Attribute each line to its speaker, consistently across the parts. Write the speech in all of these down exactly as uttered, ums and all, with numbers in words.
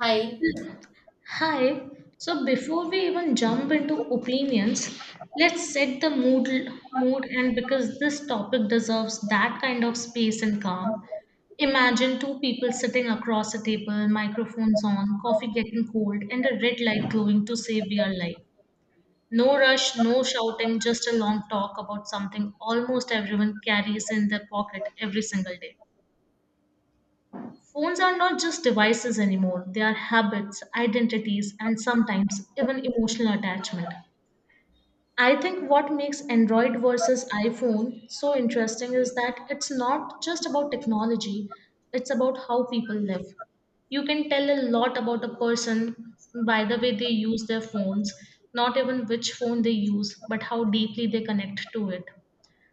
Speaker 1: Hi,
Speaker 2: Hi. So before we even jump into opinions, let's set the mood mood and because this topic deserves that kind of space and calm. Imagine two people sitting across a table, microphones on, coffee getting cold, and a red light glowing to save we are life. No rush, no shouting, just a long talk about something almost everyone carries in their pocket every single day. Phones are not just devices anymore, they are habits, identities, and sometimes even emotional attachment. I think what makes Android versus iPhone so interesting is that it's not just about technology, it's about how people live. You can tell a lot about a person by the way they use their phones, not even which phone they use, but how deeply they connect to it.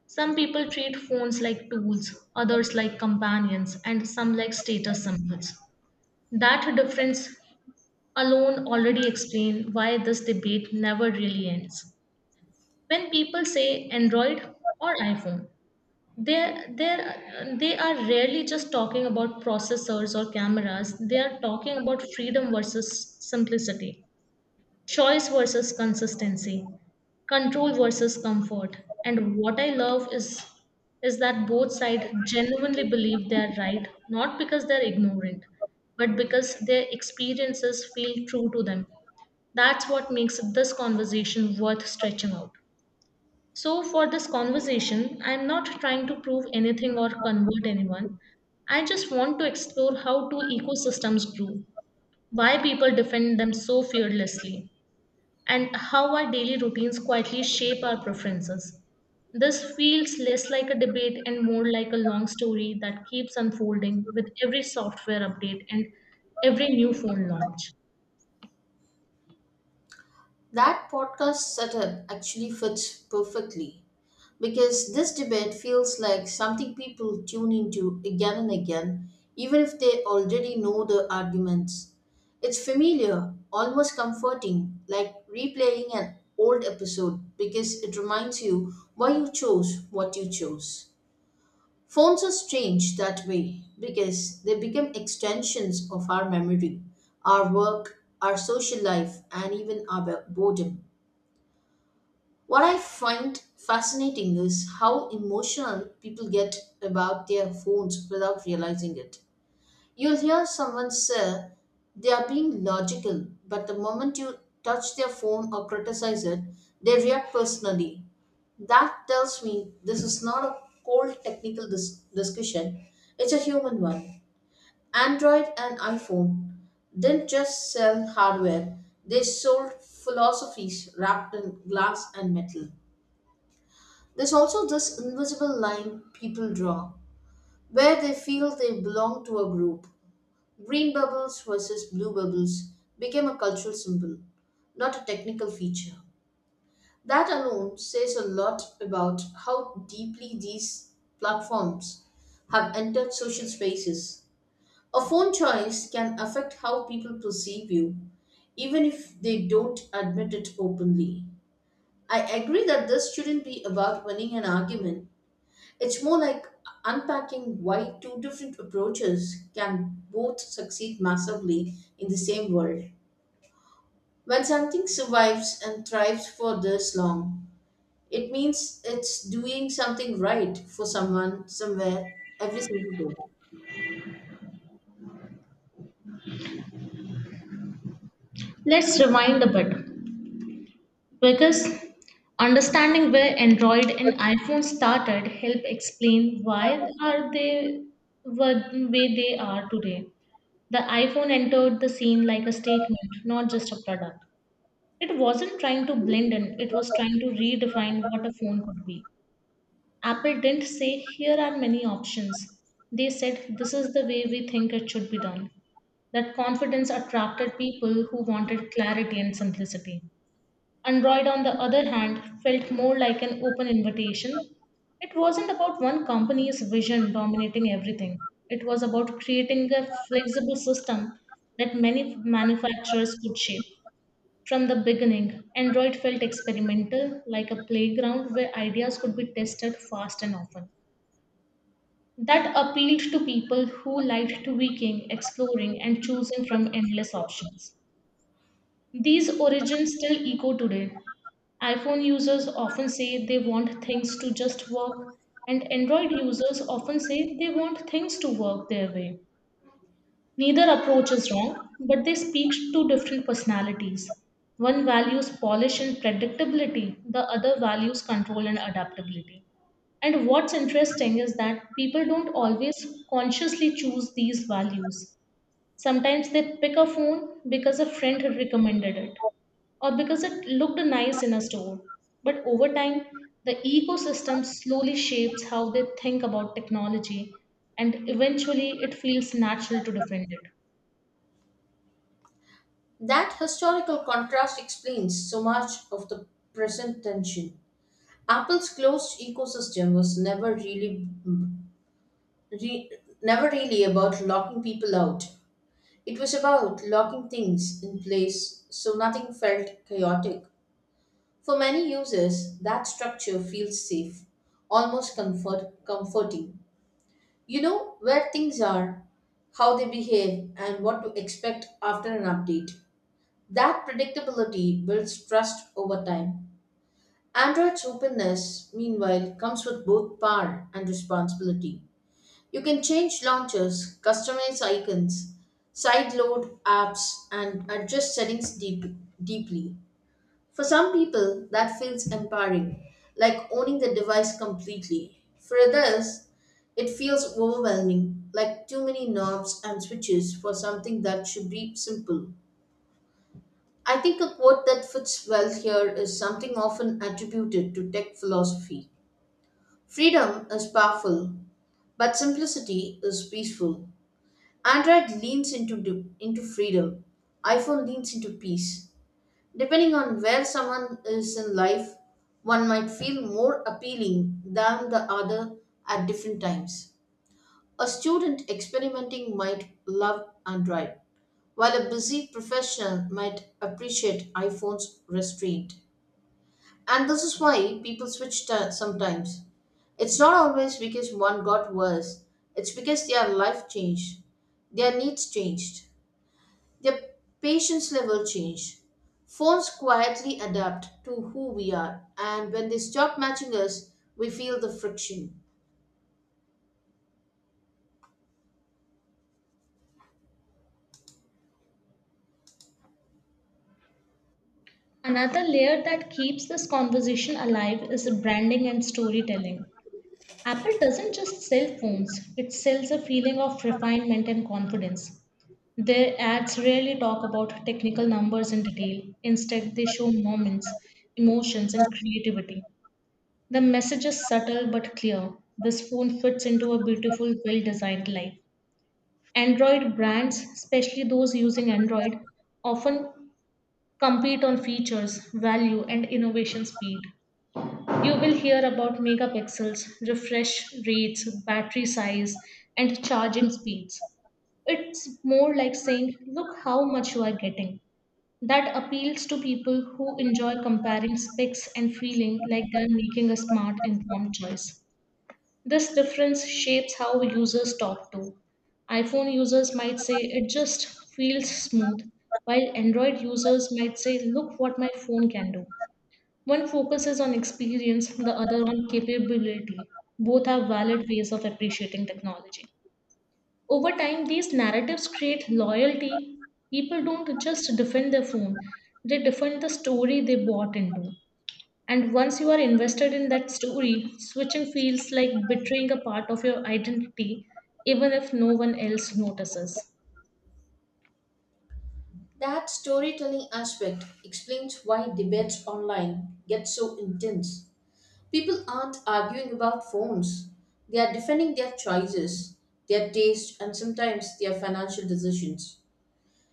Speaker 2: Some people treat phones like tools, others like companions, and some like status symbols. That difference alone already explains why this debate never really ends. When people say Android or iPhone, they they they are rarely just talking about processors or cameras. They are talking about freedom versus simplicity, choice versus consistency, control versus comfort. And what I love is is that both sides genuinely believe they are right, not because they're ignorant, but because their experiences feel true to them. That's what makes this conversation worth stretching out. So for this conversation, I'm not trying to prove anything or convert anyone. I just want to explore how two ecosystems grew, why people defend them so fearlessly, and how our daily routines quietly shape our preferences. This feels less like a debate and more like a long story that keeps unfolding with every software update and every new phone launch.
Speaker 1: that podcast setup actually fits perfectly because this debate feels like something people tune into again and again, even if they already know the arguments. It's familiar, almost comforting, like replaying an old episode because it reminds you why you chose what you chose. Phones are strange that way because they become extensions of our memory, our work, our social life, and even our bo- boredom. What I find fascinating is how emotional people get about their phones without realizing it. You'll hear someone say they are being logical, but the moment you touch their phone or criticize it, they react personally. That tells me this is not a cold technical dis- discussion, it's a human one. Android and iPhone didn't just sell hardware, they sold philosophies wrapped in glass and metal. There's also this invisible line people draw where they feel they belong to a group. Green bubbles versus blue bubbles became a cultural symbol, not a technical feature. That alone says a lot about how deeply these platforms have entered social spaces. A phone choice can affect how people perceive you, even if they don't admit it openly. I agree that this shouldn't be about winning an argument, it's more like unpacking why two different approaches can both succeed massively in the same world. When something survives and thrives for this long, it means it's doing something right for someone, somewhere, every single day.
Speaker 2: Let's rewind a bit because understanding where Android and iPhone started help explain why are they were the way they are today. The iPhone entered the scene like a statement, not just a product. It wasn't trying to blend in, it was trying to redefine what a phone could be. Apple didn't say, here are many options. They said, this is the way we think it should be done. That confidence attracted people who wanted clarity and simplicity. Android, on the other hand, felt more like an open invitation. It wasn't about one company's vision dominating everything, it was about creating a flexible system that many manufacturers could shape. From the beginning, Android felt experimental, like a playground where ideas could be tested fast and often. That appealed to people who liked tweaking, exploring, and choosing from endless options. These origins still echo today. iPhone users often say they want things to just work, and Android users often say they want things to work their way. Neither approach is wrong, but they speak to different personalities. One values polish and predictability, the other values control and adaptability. And what's interesting is that people don't always consciously choose these values. Sometimes they pick a phone because a friend had recommended it or because it looked nice in a store. But over time, the ecosystem slowly shapes how they think about technology, and eventually, it feels natural to defend it.
Speaker 1: That historical contrast explains so much of the present tension. Apple's closed ecosystem was never really re, never really about locking people out. It was about locking things in place so nothing felt chaotic. For many users, that structure feels safe, almost comfort, comforting. You know where things are, how they behave, and what to expect after an update. That predictability builds trust over time. Android's openness, meanwhile, comes with both power and responsibility. You can change launchers, customize icons, sideload apps, and adjust settings deep, deeply. For some people, that feels empowering, like owning the device completely. For others, it feels overwhelming, like too many knobs and switches for something that should be simple. I think a quote that fits well here is something often attributed to tech philosophy. Freedom is powerful, but simplicity is peaceful. Android leans into du- into freedom. iPhone leans into peace. Depending on where someone is in life, one might feel more appealing than the other at different times. A student experimenting might love Android, while a busy professional might appreciate iPhone's restraint. And this is why people switch ta- sometimes. It's not always because one got worse, it's because their life changed, their needs changed. Their patience level change. Phones quietly adapt to who we are, and when they stop matching us, we feel the friction.
Speaker 2: Another layer that keeps this conversation alive is branding and storytelling. Apple doesn't just sell phones, it sells a feeling of refinement and confidence. Their ads rarely talk about technical numbers in detail. Instead, they show moments, emotions, and creativity. The message is subtle but clear. This phone fits into a beautiful, well designed life. Android brands, especially those using Android, often compete on features, value, and innovation speed. You will hear about megapixels, refresh rates, battery size, and charging speeds. It's more like saying, look how much you are getting. That appeals to people who enjoy comparing specs and feeling like they're making a smart, informed choice. This difference shapes how users talk to. iPhone users might say it just feels smooth, while Android users might say, look what my phone can do. One focuses on experience, the other on capability. Both are valid ways of appreciating technology. Over time, these narratives create loyalty. People don't just defend their phone, they defend the story they bought into. And once you are invested in that story, switching feels like betraying a part of your identity, even if no one else notices.
Speaker 1: That storytelling aspect explains why debates online get so intense. People aren't arguing about phones, they are defending their choices, their taste, and sometimes their financial decisions.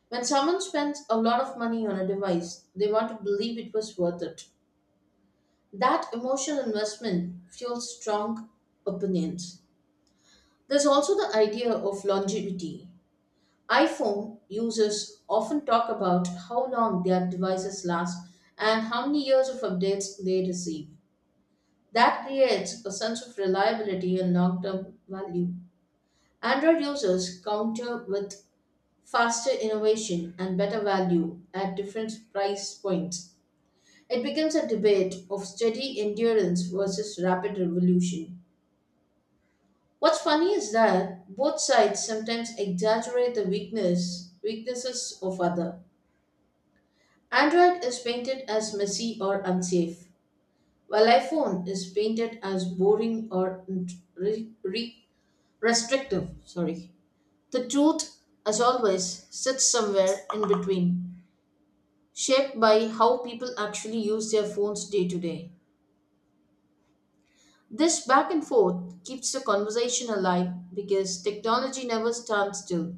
Speaker 1: When someone spends a lot of money on a device, they want to believe it was worth it. That emotional investment fuels strong opinions. There's also the idea of longevity. iPhone users often talk about how long their devices last and how many years of updates they receive. That creates a sense of reliability and long term value. Android users counter with faster innovation and better value at different price points. It becomes a debate of steady endurance versus rapid revolution. What's funny is that both sides sometimes exaggerate the weakness weaknesses of other. Android is painted as messy or unsafe, while iPhone is painted as boring or re- re- restrictive. Sorry. The truth, as always, sits somewhere in between, shaped by how people actually use their phones day to day. This back and forth keeps the conversation alive because technology never stands still.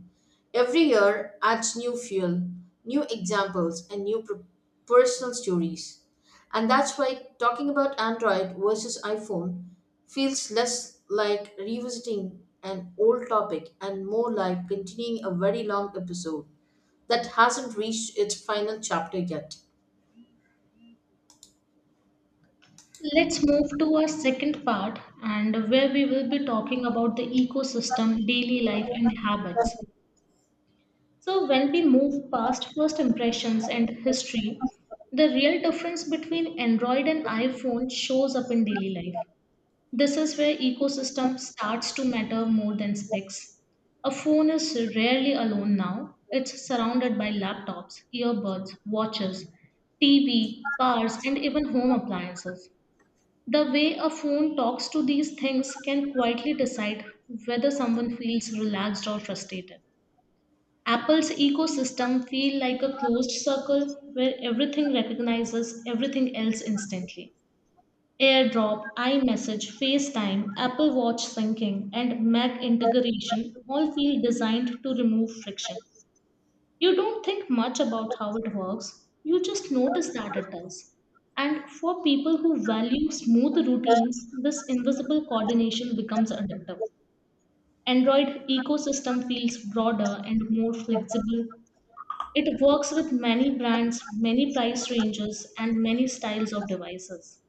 Speaker 1: Every year adds new fuel, new examples, and new per- personal stories. And that's why talking about Android versus iPhone feels less like revisiting an old topic and more like continuing a very long episode that hasn't reached its final chapter yet.
Speaker 2: Let's move to our second part, and where we will be talking about the ecosystem, daily life, and habits. So, when we move past first impressions and history, the real difference between Android and iPhone shows up in daily life. This is where ecosystem starts to matter more than specs. A phone is rarely alone now. It's surrounded by laptops, earbuds, watches, T V, cars, and even home appliances. The way a phone talks to these things can quietly decide whether someone feels relaxed or frustrated. Apple's ecosystem feel like a closed circle where everything recognizes everything else instantly. AirDrop, iMessage, FaceTime, Apple Watch syncing, and Mac integration all feel designed to remove friction. You don't think much about how it works, you just notice that it does. And for people who value smooth routines, this invisible coordination becomes addictive. Android ecosystem feels broader and more flexible. It works with many brands, many price ranges, and many styles of devices.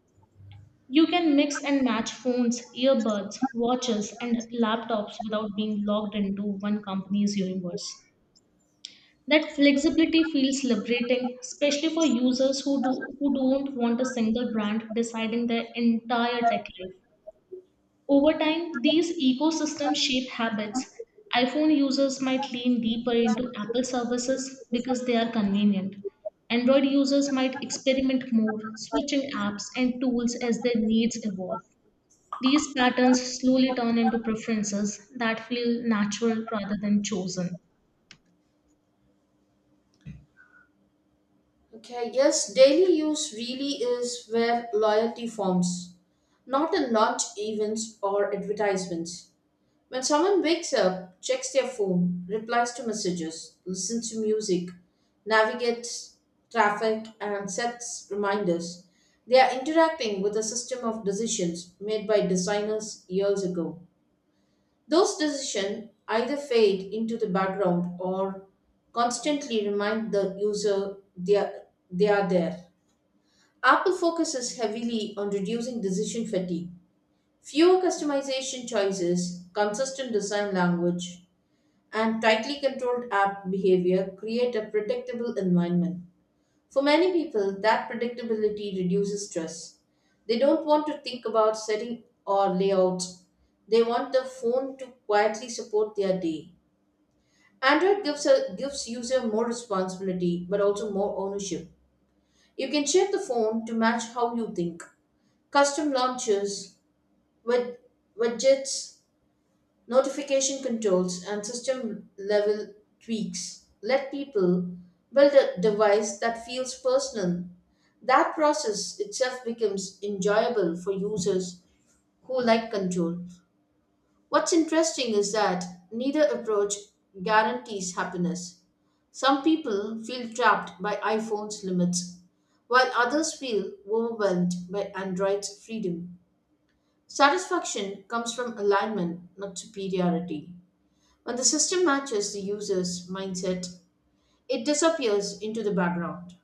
Speaker 2: You can mix and match phones, earbuds, watches, and laptops without being locked into one company's universe. That flexibility feels liberating, especially for users who, do, who don't want a single brand deciding their entire tech life. Over time, these ecosystems shape habits. iPhone users might lean deeper into Apple services because they are convenient. Android users might experiment more, switching apps and tools as their needs evolve. These patterns slowly turn into preferences that feel natural rather than chosen.
Speaker 1: Okay, yes, daily use really is where loyalty forms, not in launch events or advertisements. When someone wakes up, checks their phone, replies to messages, listens to music, navigates traffic, and sets reminders, they are interacting with a system of decisions made by designers years ago. Those decisions either fade into the background or constantly remind the user they are, they are there. Apple focuses heavily on reducing decision fatigue. Fewer customization choices, consistent design language, and tightly controlled app behavior create a predictable environment. For many people, that predictability reduces stress. They don't want to think about setting or layouts. They want the phone to quietly support their day. Android gives a, gives user more responsibility but also more ownership. You can shape the phone to match how you think. Custom launchers, wed- widgets, notification controls, and system level tweaks let people build a device that feels personal. That process itself becomes enjoyable for users who like control. What's interesting is that neither approach guarantees happiness. Some people feel trapped by iPhone's limits, while others feel overwhelmed by Android's freedom. Satisfaction comes from alignment, not superiority. When the system matches the user's mindset, it disappears into the background.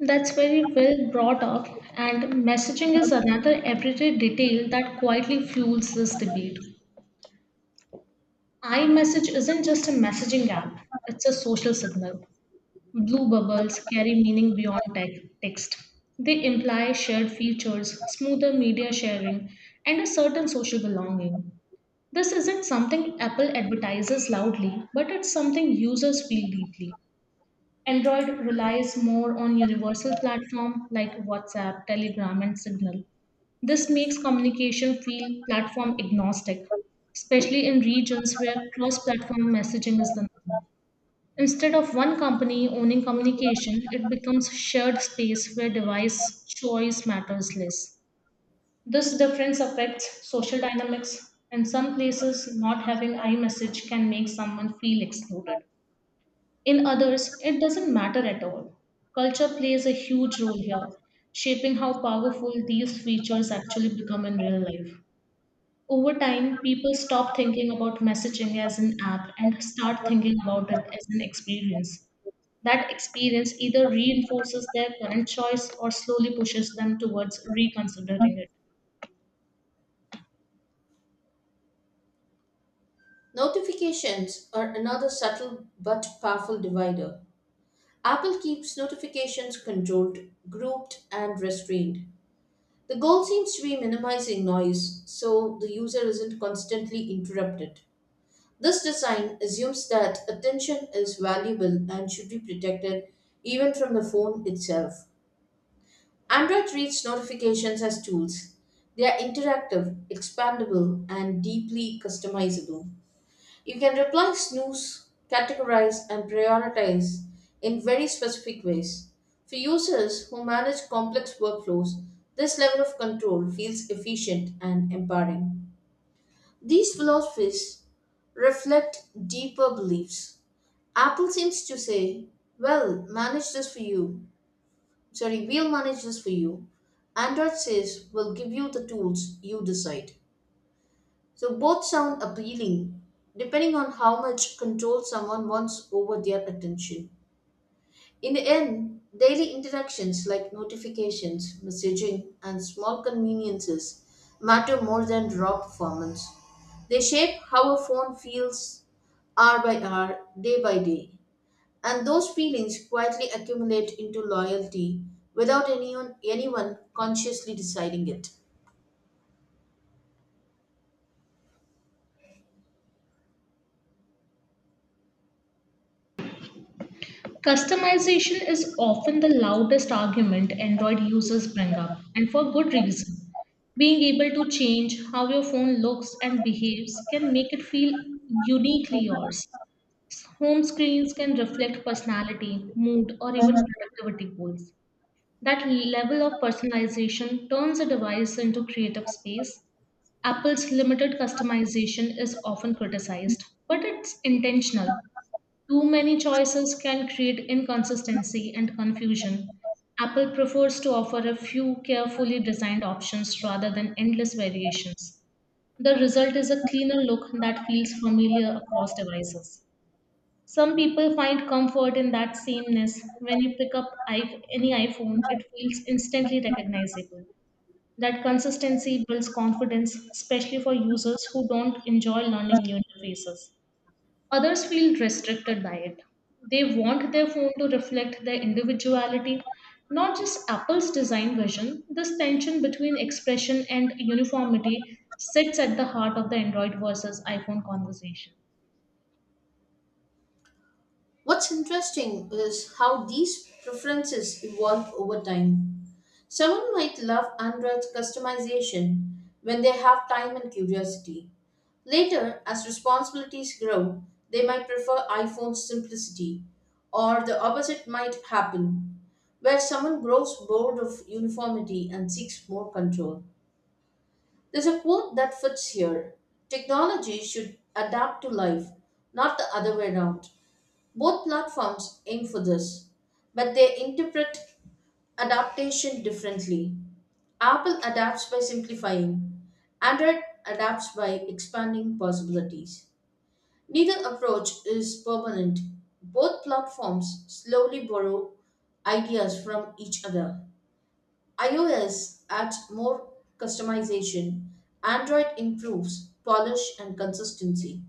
Speaker 2: That's very well brought up, and messaging is another everyday detail that quietly fuels this debate. iMessage isn't just a messaging app, it's a social signal. Blue bubbles carry meaning beyond tec- text. They imply shared features, smoother media sharing, and a certain social belonging. This isn't something Apple advertises loudly, but it's something users feel deeply. Android relies more on universal platforms like WhatsApp, Telegram, and Signal. This makes communication feel platform agnostic, especially in regions where cross platform messaging is the norm. Instead of one company owning communication, it becomes shared space where device choice matters less. This difference affects social dynamics. In some places, not having iMessage can make someone feel excluded. In others, it doesn't matter at all. Culture plays a huge role here, shaping how powerful these features actually become in real life. Over time, people stop thinking about messaging as an app and start thinking about it as an experience. That experience either reinforces their current choice or slowly pushes them towards reconsidering it.
Speaker 1: Notifications are another subtle but powerful divider. Apple keeps notifications controlled, grouped, and restrained. The goal seems to be minimizing noise so the user isn't constantly interrupted. This design assumes that attention is valuable and should be protected even from the phone itself. Android treats notifications as tools. They are interactive, expandable, and deeply customizable. You can reply, snooze, categorize, and prioritize in very specific ways. For users who manage complex workflows, this level of control feels efficient and empowering. These philosophies reflect deeper beliefs. Apple seems to say, well, manage this for you Sorry, we'll manage this for you. Android says we'll give you the tools, you decide. So both sound appealing, depending on how much control someone wants over their attention. In the end, daily interactions like notifications, messaging, and small conveniences matter more than raw performance. They shape how a phone feels hour by hour, day by day. And those feelings quietly accumulate into loyalty without anyone, anyone consciously deciding it.
Speaker 2: Customization is often the loudest argument Android users bring up, and for good reason. Being able to change how your phone looks and behaves can make it feel uniquely yours. Home screens can reflect personality, mood, or even productivity goals. That level of personalization turns a device into creative space. Apple's limited customization is often criticized, but it's intentional. Too many choices can create inconsistency and confusion. Apple prefers to offer a few carefully designed options rather than endless variations. The result is a cleaner look that feels familiar across devices. Some people find comfort in that sameness. When you pick up i- any iPhone, it feels instantly recognizable. That consistency builds confidence, especially for users who don't enjoy learning new interfaces. Others feel restricted by it. They want their phone to reflect their individuality, not just Apple's design vision. This tension between expression and uniformity sits at the heart of the Android versus iPhone conversation.
Speaker 1: What's interesting is how these preferences evolve over time. Someone might love Android's customization when they have time and curiosity. Later, as responsibilities grow, they might prefer iPhone's simplicity, or the opposite might happen, where someone grows bored of uniformity and seeks more control. There's a quote that fits here. Technology should adapt to life, not the other way around. Both platforms aim for this, but they interpret adaptation differently. Apple adapts by simplifying, Android adapts by expanding possibilities. Neither approach is permanent. Both platforms slowly borrow ideas from each other. iOS adds more customization, Android improves polish and consistency.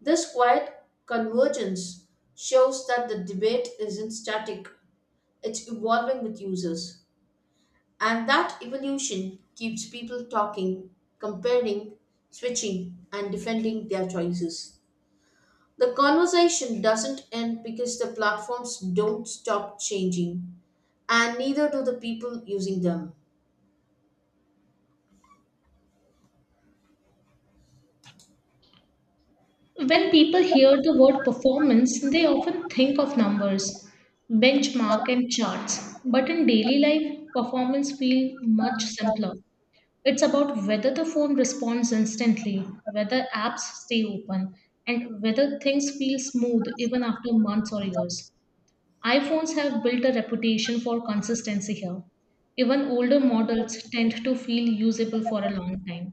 Speaker 1: This quiet convergence shows that the debate isn't static, it's evolving with users. And that evolution keeps people talking, comparing, switching, and defending their choices. The conversation doesn't end because the platforms don't stop changing, and neither do the people using them.
Speaker 2: When people hear the word performance, they often think of numbers, benchmark, and charts. But in daily life, performance feels much simpler. It's about whether the phone responds instantly, whether apps stay open, and whether things feel smooth even after months or years. iPhones have built a reputation for consistency here. Even older models tend to feel usable for a long time.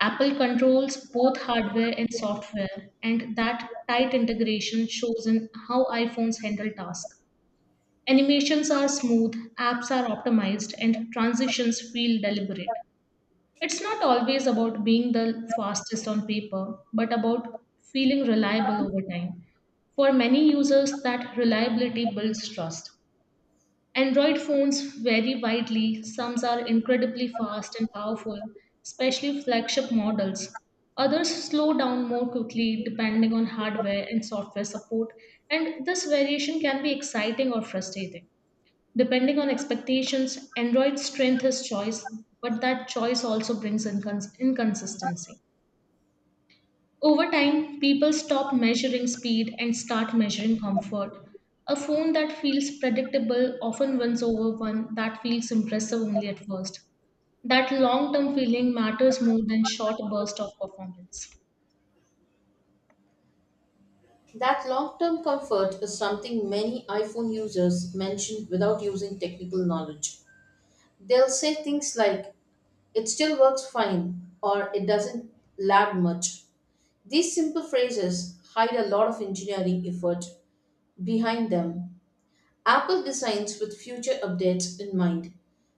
Speaker 2: Apple controls both hardware and software, and that tight integration shows in how iPhones handle tasks. Animations are smooth, apps are optimized, and transitions feel deliberate. It's not always about being the fastest on paper, but about feeling reliable over time. For many users, that reliability builds trust. Android phones vary widely. Some are incredibly fast and powerful, especially flagship models. Others slow down more quickly depending on hardware and software support, and this variation can be exciting or frustrating. Depending on expectations, Android's strength is choice, but that choice also brings incons- inconsistency. Over time, people stop measuring speed and start measuring comfort. A phone that feels predictable often wins over one that feels impressive only at first. That long term feeling matters more than short burst of performance.
Speaker 1: That long term comfort is something many iPhone users mention without using technical knowledge. They'll say things like, it still works fine or it doesn't lag much. These simple phrases hide a lot of engineering effort behind them. Apple designs with future updates in mind,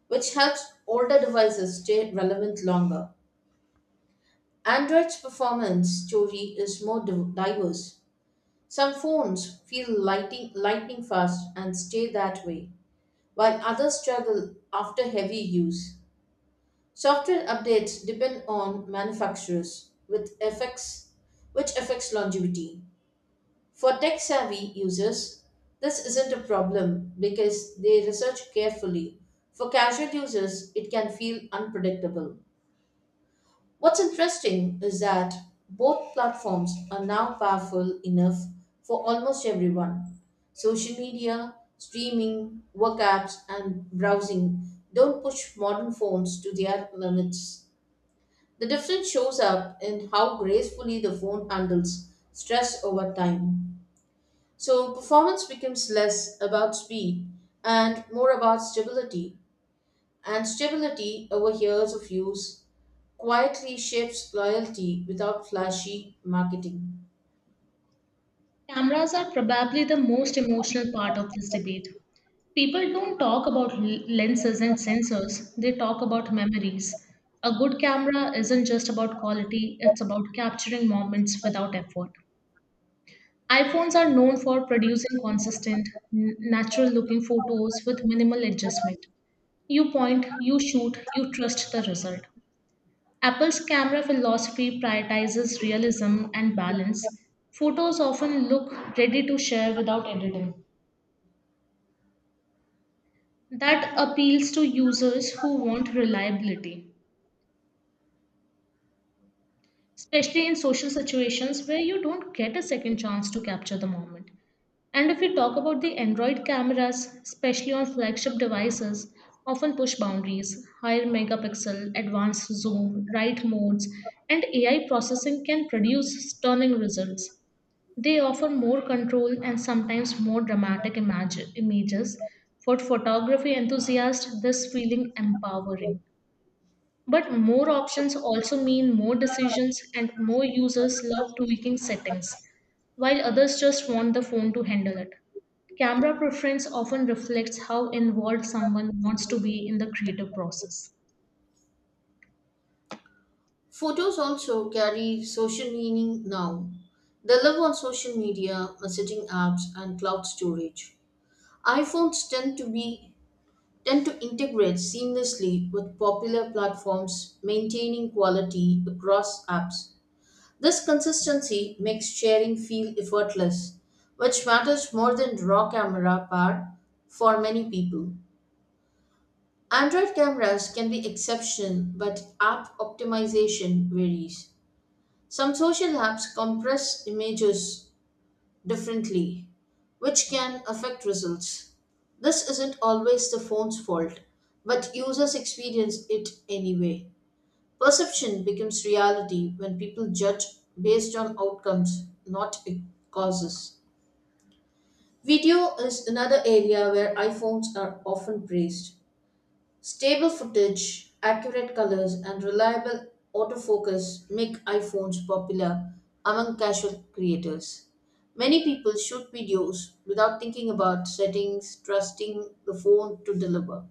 Speaker 1: which helps older devices stay relevant longer. Android's performance story is more div- diverse. Some phones feel lighting, lightning fast and stay that way, while others struggle after heavy use. Software updates depend on manufacturers, with effects, which affects longevity. For tech-savvy users, this isn't a problem because they research carefully. For casual users, it can feel unpredictable. What's interesting is that both platforms are now powerful enough for almost everyone. Social media, streaming, work apps, and browsing don't push modern phones to their limits. The difference shows up in how gracefully the phone handles stress over time. So, performance becomes less about speed and more about stability. And stability over years of use quietly shapes loyalty without flashy marketing.
Speaker 2: Cameras are probably the most emotional part of this debate. People don't talk about l- lenses and sensors, they talk about memories. A good camera isn't just about quality, it's about capturing moments without effort. iPhones are known for producing consistent, natural looking photos with minimal adjustment. You point, you shoot, you trust the result. Apple's camera philosophy prioritizes realism and balance. Photos often look ready to share without editing. That appeals to users who want reliability, especially in social situations where you don't get a second chance to capture the moment. And if we talk about the Android cameras, especially on flagship devices, often push boundaries. Higher megapixel, advanced zoom, right modes, and A I processing can produce stunning results. They offer more control and sometimes more dramatic imag- images. For photography enthusiasts, this feeling empowering. But more options also mean more decisions and more users love tweaking settings, while others just want the phone to handle it. Camera preference often reflects how involved someone wants to be in the creative process.
Speaker 1: Photos also carry social meaning now. They live on social media, messaging apps, and cloud storage. iPhones tend to be tend to integrate seamlessly with popular platforms, maintaining quality across apps. This consistency makes sharing feel effortless, which matters more than raw camera power for many people. Android cameras can be exception, but app optimization varies. Some social apps compress images differently, which can affect results. This isn't always the phone's fault, but users experience it anyway. Perception becomes reality when people judge based on outcomes, not causes. Video is another area where iPhones are often praised. Stable footage, accurate colors, and reliable autofocus make iPhones popular among casual creators. Many people shoot videos without thinking about settings, trusting the phone to deliver.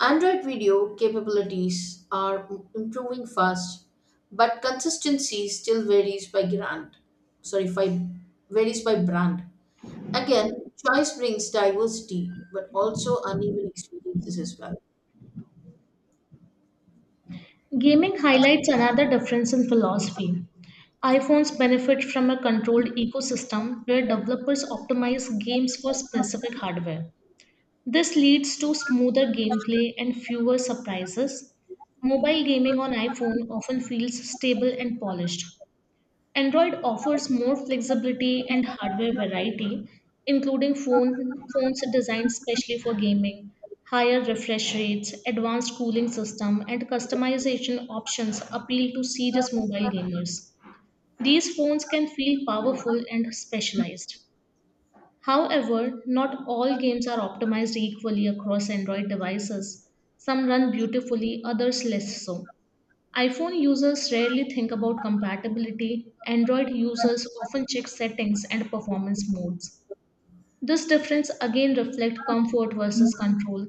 Speaker 1: Android video capabilities are m- improving fast, but consistency still varies by brand. Sorry, by, varies by brand. Again, choice brings diversity, but also uneven experiences as well.
Speaker 2: Gaming highlights another difference in philosophy. iPhones benefit from a controlled ecosystem where developers optimize games for specific hardware. This leads to smoother gameplay and fewer surprises. Mobile gaming on iPhone often feels stable and polished. Android offers more flexibility and hardware variety, including phone, phones designed specially for gaming, higher refresh rates, advanced cooling system, and customization options appeal to serious mobile gamers. These phones can feel powerful and specialized. However, not all games are optimized equally across Android devices. Some run beautifully, others less so. iPhone users rarely think about compatibility, Android users often check settings and performance modes. This difference again reflects comfort versus control.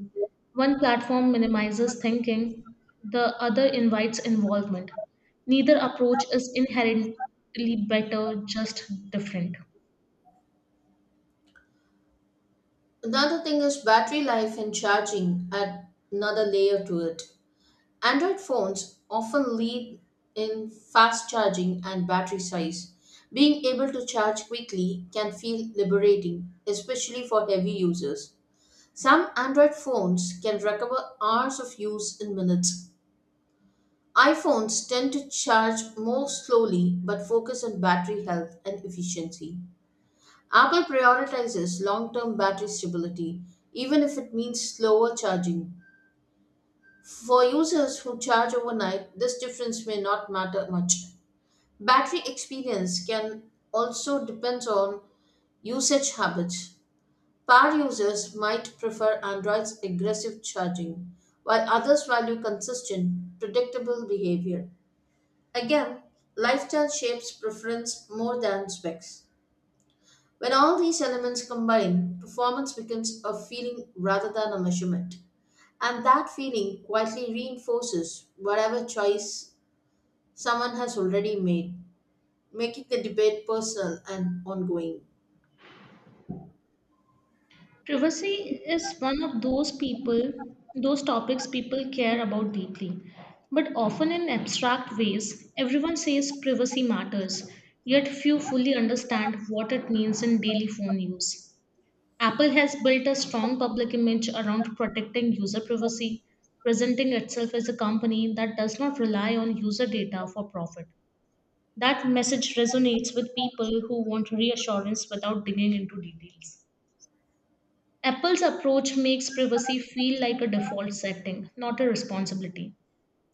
Speaker 2: One platform minimizes thinking, the other invites involvement. Neither approach is inherently better, just different.
Speaker 1: Another thing is battery life and charging add another layer to it. Android phones often lead in fast charging and battery size. Being able to charge quickly can feel liberating, especially for heavy users. Some Android phones can recover hours of use in minutes. iPhones tend to charge more slowly but focus on battery health and efficiency. Apple prioritizes long term battery stability, even if it means slower charging. For users who charge overnight, this difference may not matter much. Battery experience can also depend on usage habits. Power users might prefer Android's aggressive charging, while others value consistent, predictable behavior. Again, lifestyle shapes preference more than specs. When all these elements combine, performance becomes a feeling rather than a measurement. And that feeling quietly reinforces whatever choice someone has already made, making the debate personal and ongoing.
Speaker 2: Privacy is one of those people, those topics people care about deeply, but often in abstract ways. Everyone says privacy matters, yet few fully understand what it means in daily phone use. Apple has built a strong public image around protecting user privacy, presenting itself as a company that does not rely on user data for profit. That message resonates with people who want reassurance without digging into details. Apple's approach makes privacy feel like a default setting, not a responsibility.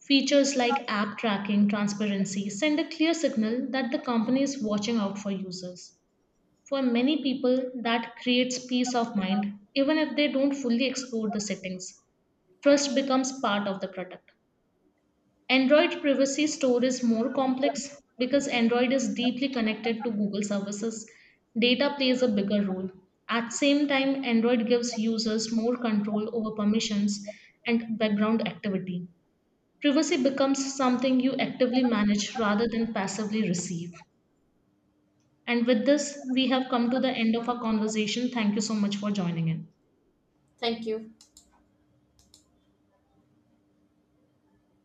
Speaker 2: Features like app tracking, transparency send a clear signal that the company is watching out for users. For many people, that creates peace of mind, even if they don't fully explore the settings. Trust becomes part of the product. Android privacy store is more complex because Android is deeply connected to Google services. Data plays a bigger role. At same time, Android gives users more control over permissions and background activity. Privacy becomes something you actively manage rather than passively receive. And with this, we have come to the end of our conversation. Thank you so much for joining in.
Speaker 1: Thank you.